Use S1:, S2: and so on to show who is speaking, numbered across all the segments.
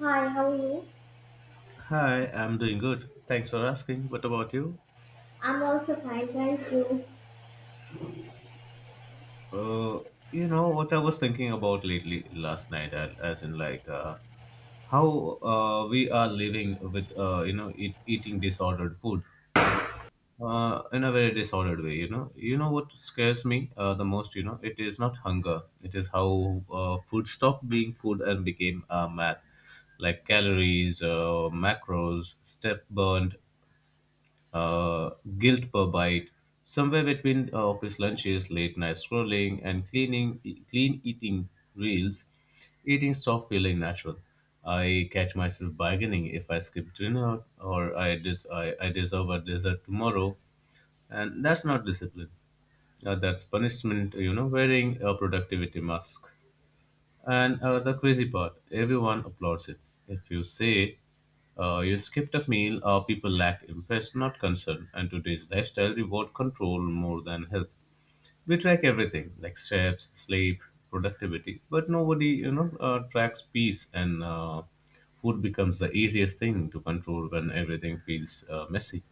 S1: Hi, how are you?
S2: Hi, I'm doing good. Thanks for asking. What about you?
S1: I'm also fine, thank you.
S2: Uh, you know what I was thinking about lately last night, as in like, how we are living with you know eating disordered food in a very disordered way. You know what scares me the most. You know, it is not hunger. It is how food stopped being food and became math, like calories, macros, step burned, uh, guilt per bite, somewhere between office lunches, late night scrolling, and cleaning, clean eating reels, eating stopped feeling natural. I catch myself bargaining if I skip dinner or I deserve a dessert tomorrow, and that's not discipline. That's punishment, you know, wearing a productivity mask. And the crazy part, everyone applauds it. If you say you skipped a meal, people lack interest, not concern. And today's lifestyle reward control more than health. We track everything like steps, sleep, productivity, but nobody, you know, tracks peace. And food becomes the easiest thing to control when everything feels messy.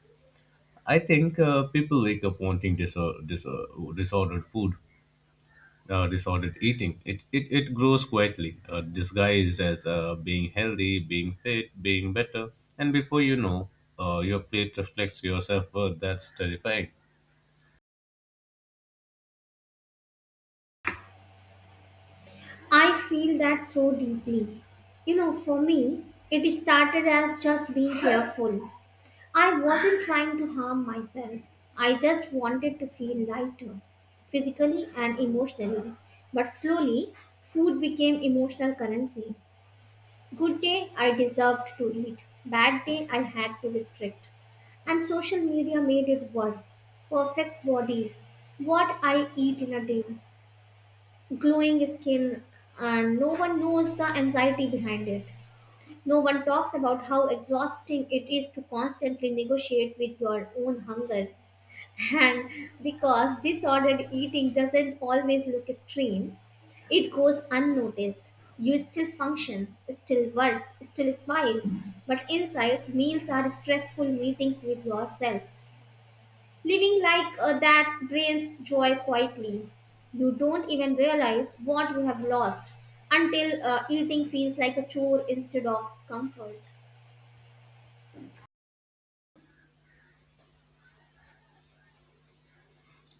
S2: I think people wake up wanting disordered food, disordered eating. It grows quietly, disguised as being healthy, being fit, being better. And before you know, your plate reflects your self worth. That's terrifying.
S1: I feel that so deeply. You know, for me, it started as just being careful. I wasn't trying to harm myself. I just wanted to feel lighter, physically and emotionally. But slowly, food became emotional currency. Good day, I deserved to eat. Bad day, I had to restrict and social media made it worse. Perfect bodies, what I eat in a day, glowing skin, and no one knows the anxiety behind it. No one talks about how exhausting it is to constantly negotiate with your own hunger. And because disordered eating doesn't always look extreme, it goes unnoticed. You still function, still work, still smile, but inside, meals are stressful meetings with yourself. Living like that drains joy quietly. You don't even realize what you have lost until eating feels like a chore instead of comfort.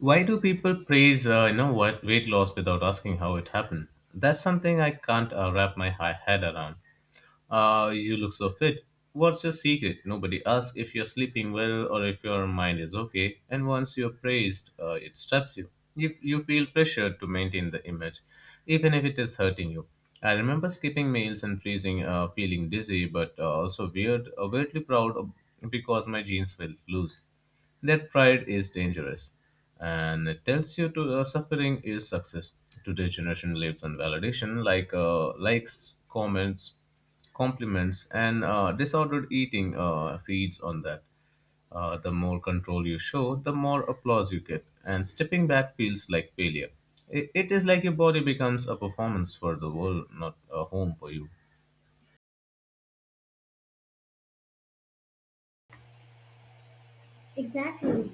S2: Why do people praise, you know, what weight loss without asking how it happened? That's something I can't wrap my head around. You look so fit. What's your secret? Nobody asks if you're sleeping well or if your mind is okay. And once you're praised, it straps you. If you feel pressured to maintain the image, even if it is hurting you. I remember skipping meals and freezing, feeling dizzy, but also weirdly proud of because my jeans felt loose. That pride is dangerous and it tells you to suffering is success. Today's generation lives on validation like likes, comments, compliments, and disordered eating feeds on that. The more control you show, the more applause you get, and stepping back feels like failure. It is like your body becomes a performance for the world, not a home for you.
S1: Exactly.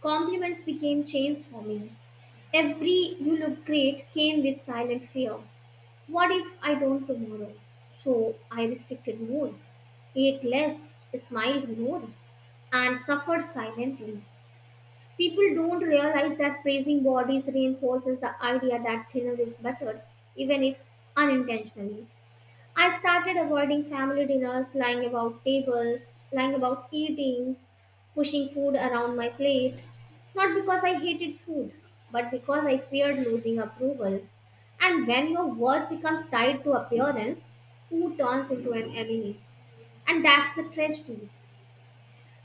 S1: Compliments became chains for me. Every you look great came with silent fear. What if I don't tomorrow? So I restricted more, ate less, smiled more, and suffered silently. People don't realize that praising bodies reinforces the idea that thinner is better, even if unintentionally. I started avoiding family dinners, lying about tables, lying about eatings, pushing food around my plate, not because I hated food, but because I feared losing approval. And when your worth becomes tied to appearance, food turns into an enemy. And that's the tragedy.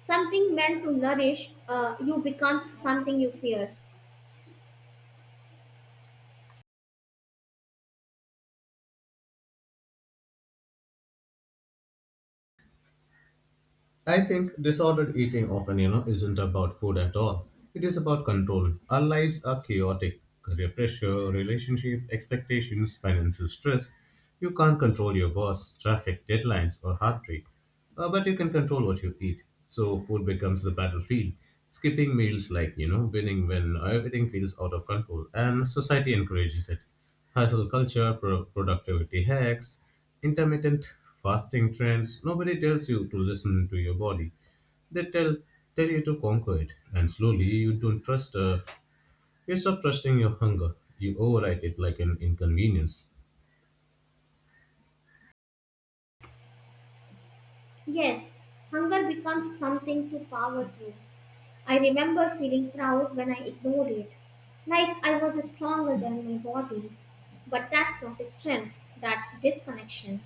S1: Something meant to nourish you becomes something you fear.
S2: I think disordered eating often, you know, isn't about food at all. It is about control. Our lives are chaotic. Career pressure, relationship expectations, financial stress. You can't control your boss, traffic, deadlines, or heartbreak. But you can control what you eat. So food becomes the battlefield. Skipping meals like, you know, winning when everything feels out of control, and society encourages it: hustle culture, productivity hacks, intermittent fasting trends. Nobody tells you to listen to your body. They tell you to conquer it, and slowly you don't trust. You stop trusting your hunger. You override it like an inconvenience.
S1: Yes, hunger becomes something to power through. I remember feeling proud when I ignored it, like I was stronger than my body. But that's not strength, that's disconnection.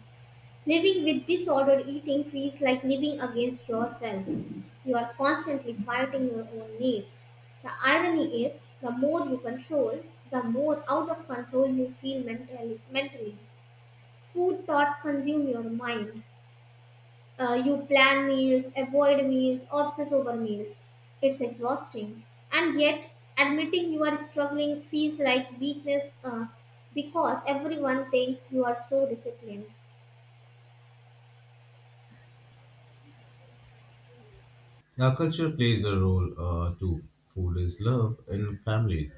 S1: Living with disordered eating feels like living against yourself. You are constantly fighting your own needs. The irony is, the more you control, the more out of control you feel mentally. Food thoughts consume your mind, you plan meals, avoid meals, obsess over meals. It's exhausting. And yet, admitting you are struggling feels like weakness because everyone thinks you are so disciplined.
S2: Our culture plays a role too. Food is love in families.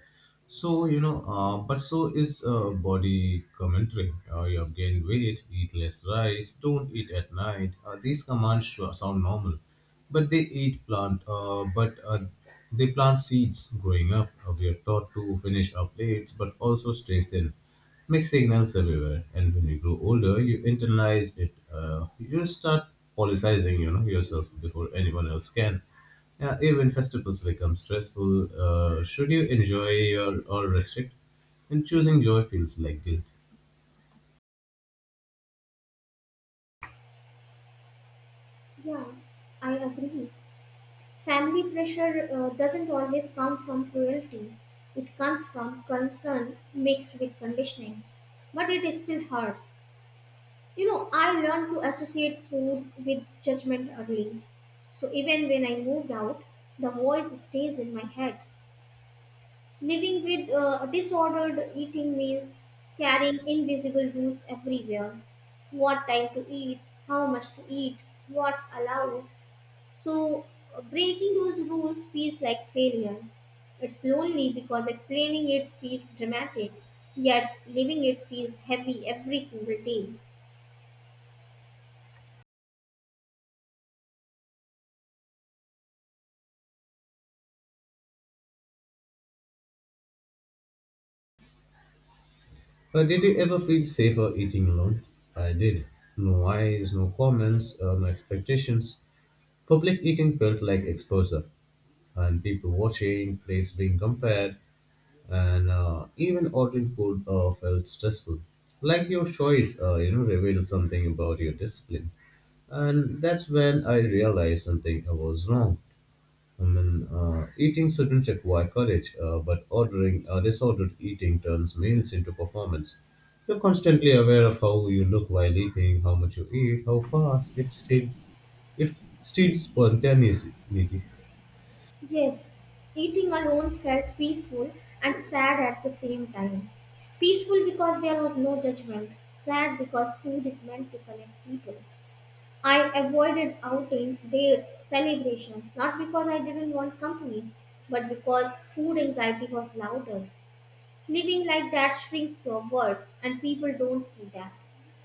S2: So, you know, but so is body commentary. You have gained weight, eat less rice, don't eat at night. These commands sure sound normal, but they plant seeds growing up. We are taught to finish our plates, but also stay thin, mixed signals everywhere. And when you grow older, you internalize it. You just start politicizing, you know, yourself before anyone else can. Yeah, even festivals become stressful. Should you enjoy your, or restrict? And choosing joy feels like guilt.
S1: Yeah, I agree. Family pressure doesn't always come from cruelty, it comes from concern mixed with conditioning. But it still hurts. You know, I learned to associate food with judgment early. So even when I moved out, the voice stays in my head. Living with disordered eating means carrying invisible rules everywhere. What time to eat, how much to eat, what's allowed. So breaking those rules feels like failure. It's lonely because explaining it feels dramatic, yet living it feels heavy every single day.
S2: Did you ever feel safer eating alone? I did. No eyes, no comments, no expectations. Public eating felt like exposure, and people watching, plates being compared, and even ordering food felt stressful. Like your choice, you know, revealed something about your discipline, and that's when I realized something was wrong. I mean, eating shouldn't require courage, but ordering disordered eating turns meals into performance. You're constantly aware of how you look while eating, how much you eat, how fast. It steals spontaneity.
S1: Yes, eating alone felt peaceful and sad at the same time. Peaceful because there was no judgment, sad because food is meant to connect people. I avoided outings, dates, celebrations, not because I didn't want company, but because food anxiety was louder. Living like that shrinks your world, and people don't see that.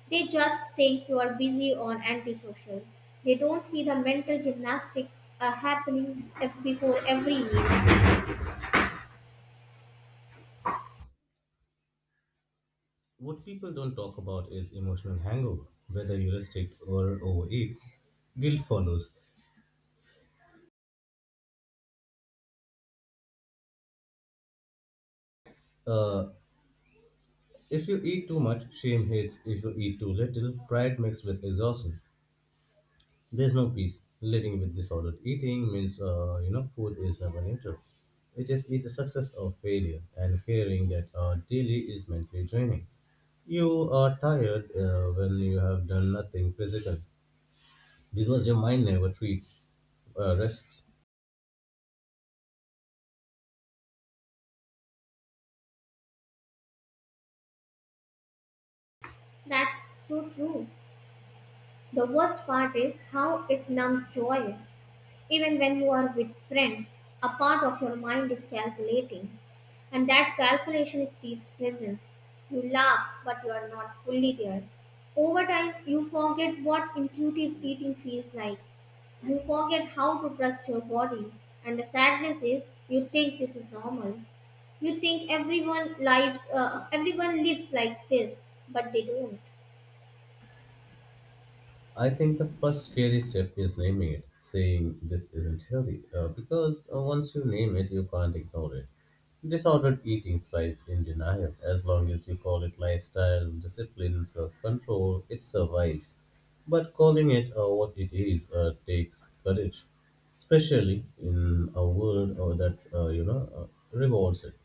S1: They just think you are busy or antisocial. They don't see the mental gymnastics are happening before every meal.
S2: What people don't talk about is emotional hangover. Whether you restrict or overeat, guilt follows. Uh, if you eat too much, shame hits. If you eat too little, pride mixed with exhaustion. There's no peace. Living with disordered eating means, you know, food is never neutral. It is either success or failure, and fearing that daily is mentally draining. You are tired when you have done nothing physical because your mind never treats rests.
S1: That's so true. The worst part is how it numbs joy. Even when you are with friends, a part of your mind is calculating, and that calculation steals presence. You laugh, but you are not fully there. Over time, you forget what intuitive eating feels like. You forget how to trust your body, and the sadness is you think this is normal. You think everyone lives like this, but they don't.
S2: I think the first scary step is naming it, saying this isn't healthy, because once you name it, you can't ignore it. Disordered eating thrives in denial. As long as you call it lifestyle, discipline, self control, it survives. But calling it what it is takes courage, especially in a world that you know rewards it.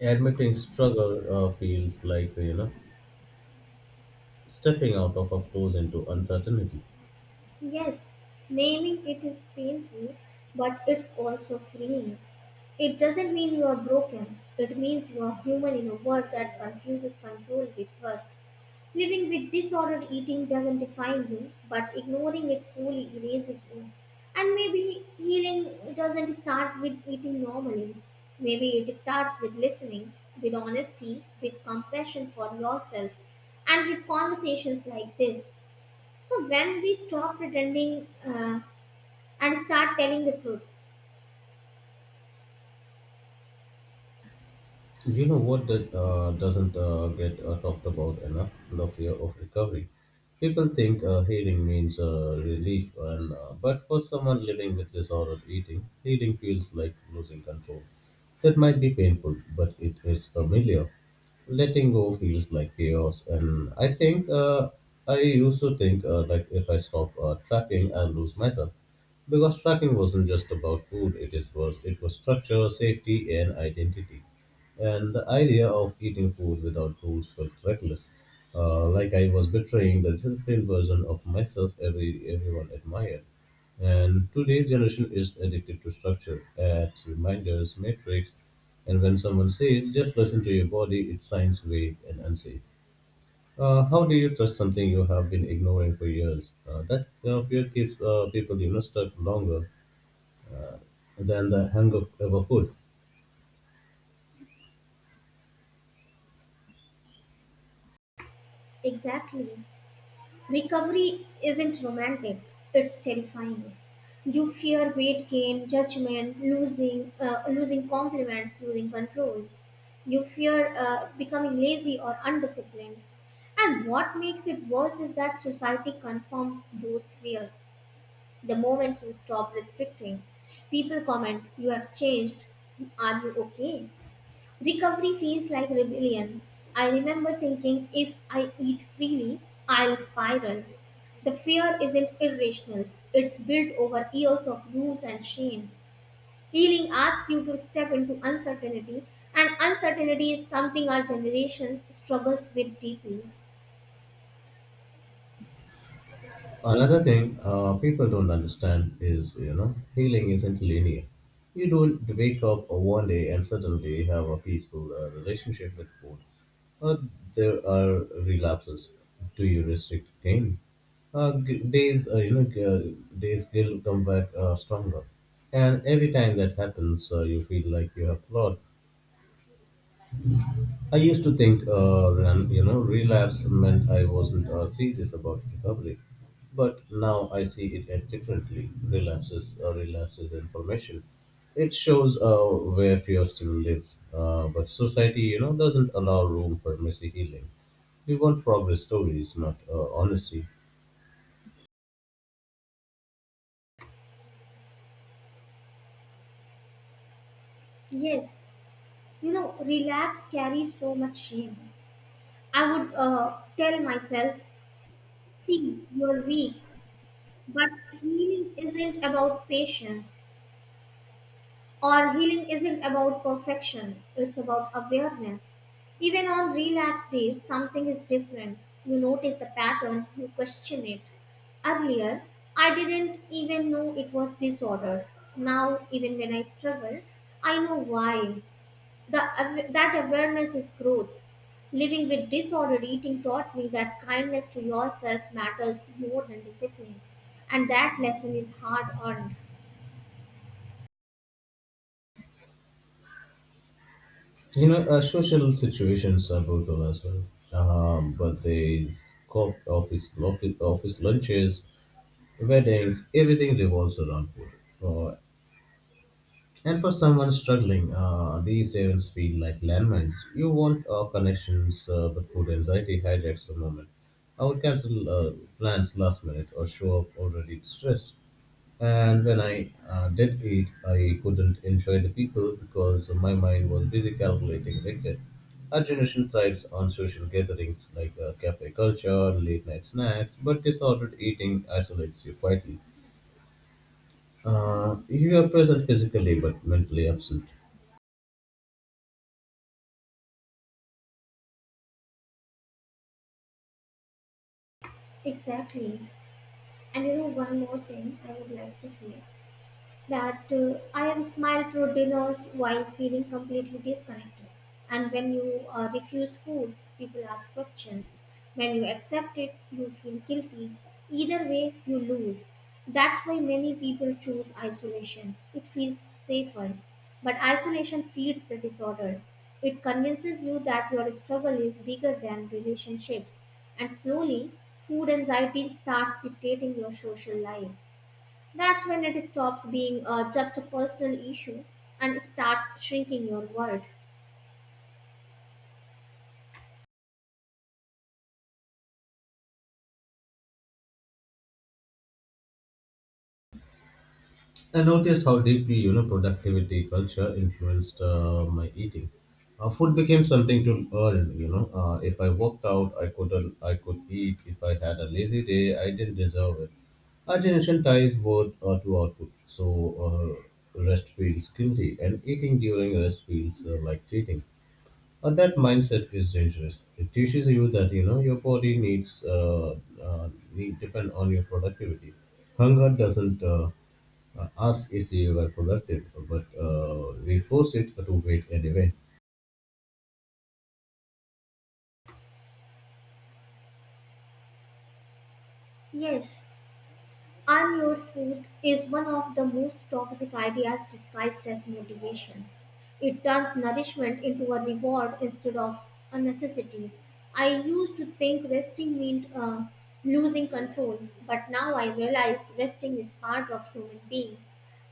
S2: Admitting struggle feels like, you know, stepping out of a close into uncertainty.
S1: Yes, naming it is painful, but it's also freeing. It doesn't mean you are broken, it means you are human in a world that confuses control with worth. Living with disordered eating doesn't define you, but ignoring it slowly erases you. And maybe healing doesn't start with eating normally. Maybe it starts with listening, with honesty, with compassion for yourself, and with conversations like this. So when we stop pretending and start telling the truth,
S2: You know what that doesn't get talked about enough? The fear of recovery. People think healing means relief, and but for someone living with disordered eating, healing feels like losing control. That might be painful, but it is familiar. Letting go feels like chaos, and I think I used to think like if I stop tracking, I'll lose myself. Because tracking wasn't just about food; it was structure, safety, and identity. And the idea of eating food without rules felt reckless, like I was betraying the disciplined version of myself everyone admired. And today's generation is addicted to structure, apps, reminders, metrics. And when someone says, just listen to your body, it sounds vague and unsafe. How do you trust something you have been ignoring for years? That fear keeps people, you know, stuck longer than the hunger ever could.
S1: exactly. Recovery isn't romantic, it's terrifying. You fear weight gain, judgment, losing compliments, losing control. You fear becoming lazy or undisciplined. And what makes it worse is that society confirms those fears. The moment you stop restricting, people comment, you have changed. Are you okay? Recovery feels like rebellion. I remember thinking if I eat freely, I'll spiral. The fear isn't irrational, it's built over years of rules and shame. Healing asks you to step into uncertainty, and uncertainty is something our generation struggles with deeply.
S2: Another thing people don't understand is, you know, healing isn't linear. You don't wake up one day and suddenly have a peaceful relationship with food. Uh, there are relapses. Do you restrict pain? Days, you know, days guilt come back stronger, and every time that happens, you feel like you have flawed. I used to think, you know, relapse meant I wasn't serious about recovery, but now I see it differently. Relapses, relapses information. It shows where fear still lives, but society, you know, doesn't allow room for messy healing. We want progress stories, not honesty.
S1: Yes, you know, relapse carries so much shame. I would tell myself, see, you're weak, but healing isn't about patience. Or healing isn't about perfection, it's about awareness. Even on relapse days, something is different. You notice the pattern, you question it. Earlier, I didn't even know it was disorder. Now, even when I struggle, I know why. That awareness is growth. Living with disordered eating taught me that kindness to yourself matters more than discipline, and that lesson is hard earned.
S2: You know, social situations are brutal as well, but they scoff office lunches, weddings, everything revolves around food. Uh, and for someone struggling, these events feel like landmines. You want connections, but food anxiety hijacks the moment. I would cancel plans last minute or show up already stressed. And when I did eat, I couldn't enjoy the people because my mind was busy calculating Victor. Our generation thrives on social gatherings like cafe culture, late night snacks, but disordered eating isolates you quietly. You are present physically but mentally absent.
S1: Exactly. And you know, one more thing I would like to say that I have smiled through dinners while feeling completely disconnected. And when you refuse food, people ask questions. When you accept it, you feel guilty. Either way, you lose. That's why many people choose isolation. It feels safer. But isolation feeds the disorder. It convinces you that your struggle is bigger than relationships. And slowly, food anxiety starts dictating your social life. That's when it stops being just a personal issue and starts shrinking your world.
S2: I noticed how deeply, you know, productivity culture influenced my eating. Food became something to earn. You know, if I worked out, I could eat. If I had a lazy day, I didn't deserve it. Our generation ties worth to output, so rest feels guilty, and eating during rest feels like cheating. But that mindset is dangerous. It teaches you that, you know, your body needs need depend on your productivity. Hunger doesn't ask if you were productive, but we force it to wait anyway.
S1: Yes, I'm your food is one of the most toxic ideas disguised as motivation. It turns nourishment into a reward instead of a necessity. I used to think resting meant losing control, but now I realize resting is part of human being.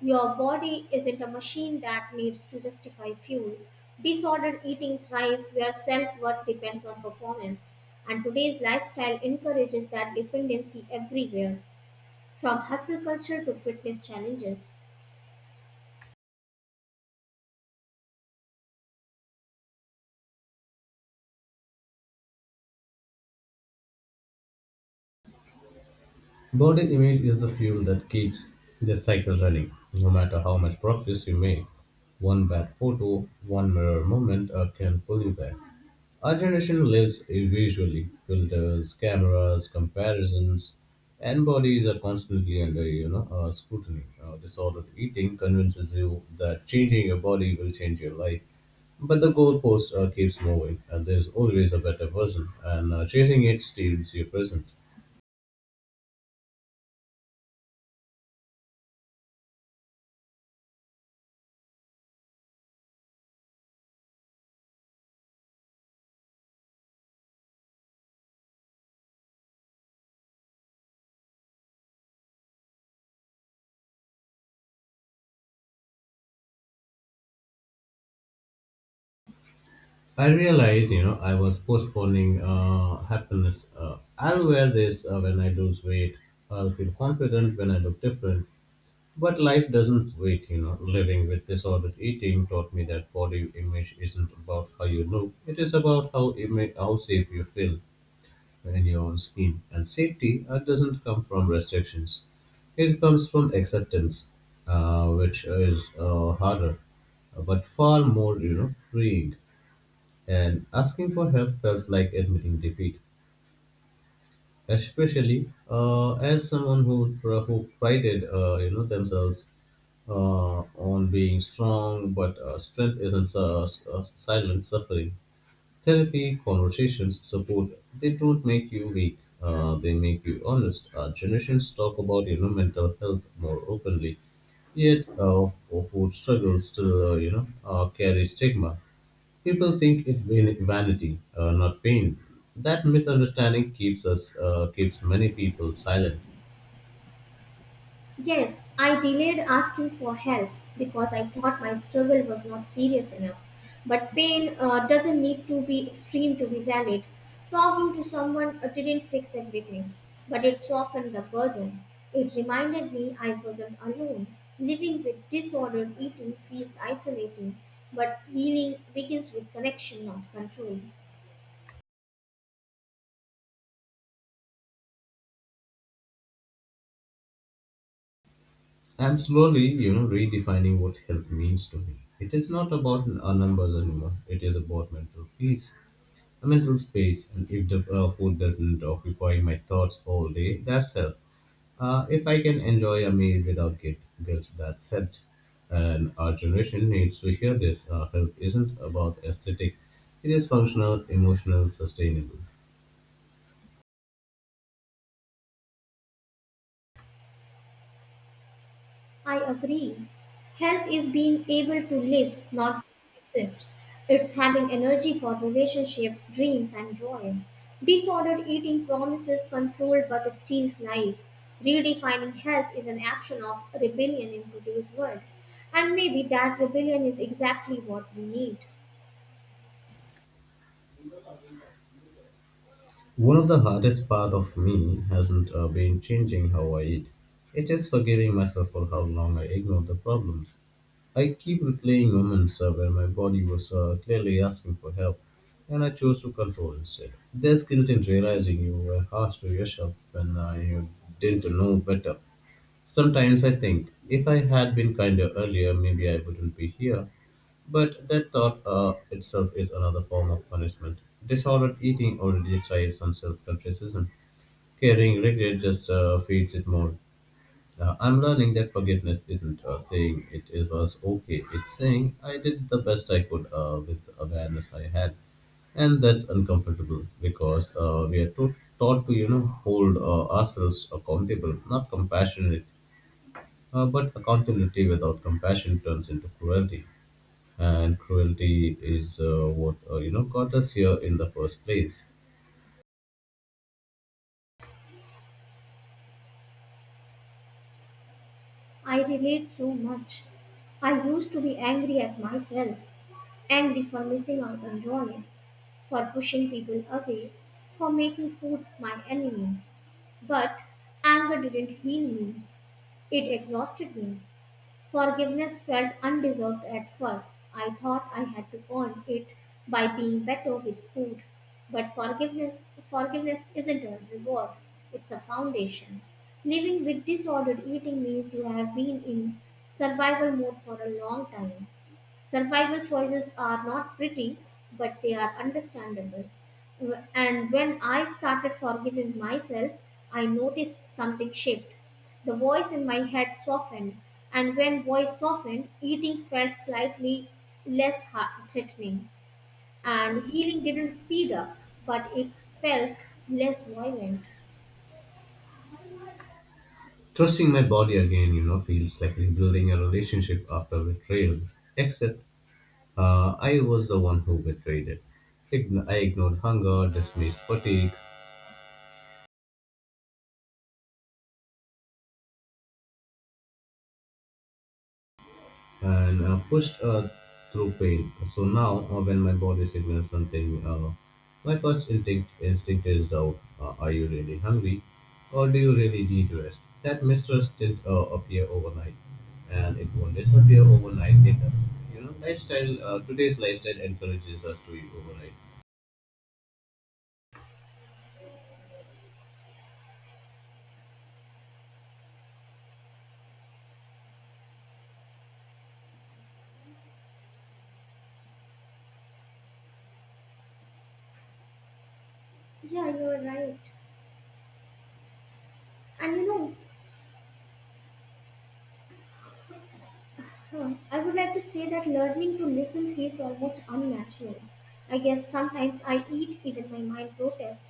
S1: Your body isn't a machine that needs to justify fuel. Disordered eating thrives where self worth depends on performance, and today's lifestyle encourages that dependency everywhere. From hustle culture to fitness challenges.
S2: Body image is the fuel that keeps the cycle running. No matter how much progress you make, one bad photo, one mirror moment can pull you back. Our generation lives visually. Filters, cameras, comparisons, and bodies are constantly under, you know, scrutiny. Disordered eating convinces you that changing your body will change your life, but the goalpost keeps moving, and there's always a better version, and chasing it steals your present. I realize, you know, I was postponing happiness. I'll wear this when I lose weight. I'll feel confident when I look different. But life doesn't wait, you know. Living with disordered eating taught me that body image isn't about how you look, it is about how safe you feel when you're on screen. And safety doesn't come from restrictions, it comes from acceptance, which is harder, but far more, you know, freeing. And asking for help felt like admitting defeat, especially as someone who prided, you know, themselves on being strong, but strength isn't silent suffering. Therapy, conversations, support, they don't make you weak. They make you honest. Generations talk about, you know, mental health more openly, yet food struggles still you know carry stigma. People think it's vanity, not pain. That misunderstanding keeps us keeps many people silent.
S1: Yes, I delayed asking for help because I thought my struggle was not serious enough. But pain doesn't need to be extreme to be valid. Talking to someone didn't fix everything, but it softened the burden. It reminded me I wasn't alone. Living with disordered eating feels isolating, but healing begins with connection, not control.
S2: I'm slowly, you know, redefining what health means to me. It is not about numbers anymore. It is about mental peace, a mental space, and if the food doesn't occupy my thoughts all day, that's health. If I can enjoy a meal without guilt, that's health. And our generation needs to hear this. Health isn't about aesthetic; it is functional, emotional, sustainable.
S1: I agree. Health is being able to live, not exist. It's having energy for relationships, dreams, and joy. Disordered eating promises control but steals life. Redefining health is an action of rebellion in today's world. And maybe that rebellion is exactly what we need.
S2: One of the hardest part of me hasn't been changing how I eat. It is forgiving myself for how long I ignored the problems. I keep replaying moments where my body was clearly asking for help, and I chose to control instead. There's guilt in realizing you were harsh to yourself when you didn't know better. Sometimes I think, if I had been kinder earlier, maybe I wouldn't be here. But that thought itself is another form of punishment. Disordered eating already thrives on self criticism. Carrying regret just feeds it more. I'm learning that forgiveness isn't saying it, it was okay, it's saying I did the best I could with the awareness I had. And that's uncomfortable because we are taught to, you know, hold ourselves accountable, not compassionate, but accountability without compassion turns into cruelty, and cruelty is what you know got us here in the first place.
S1: I relate so much. I used to be angry at myself, angry for missing out on joy, for pushing people away, for making food my enemy. But anger didn't heal me, it exhausted me. Forgiveness felt undeserved at first. I thought I had to earn it by being better with food. But forgiveness isn't a reward, it's a foundation. Living with disordered eating means you have been in survival mode for a long time. Survival choices are not pretty, but they are understandable. And when I started forgiving myself, I noticed something shift. The voice in my head softened, and when voice softened, eating felt slightly less heart threatening, and healing didn't speed up, but it felt less violent.
S2: Trusting my body again, you know, feels like rebuilding a relationship after betrayal, except I was the one who betrayed it. I ignored hunger, dismissed fatigue, and pushed through pain. So now, when my body signals something, my first instinct is doubt. Are you really hungry, or do you really need rest? That mistrust didn't appear overnight, and it won't disappear overnight either. You know, lifestyle. Today's lifestyle encourages us to eat overnight
S1: Yeah, you're right. And you know, Huh. I would like to say that learning to listen feels almost unnatural. I guess sometimes I eat even my mind protests,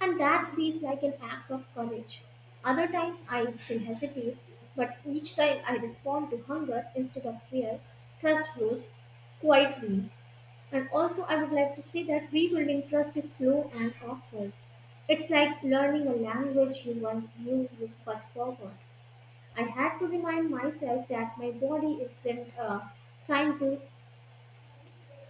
S1: and that feels like an act of courage. Other times I still hesitate, but each time I respond to hunger instead of fear, trust grows quietly. And also, I would like to say that rebuilding trust is slow and awkward. It's like learning a language you once knew you but forgot. I had to remind myself that my body isn't trying to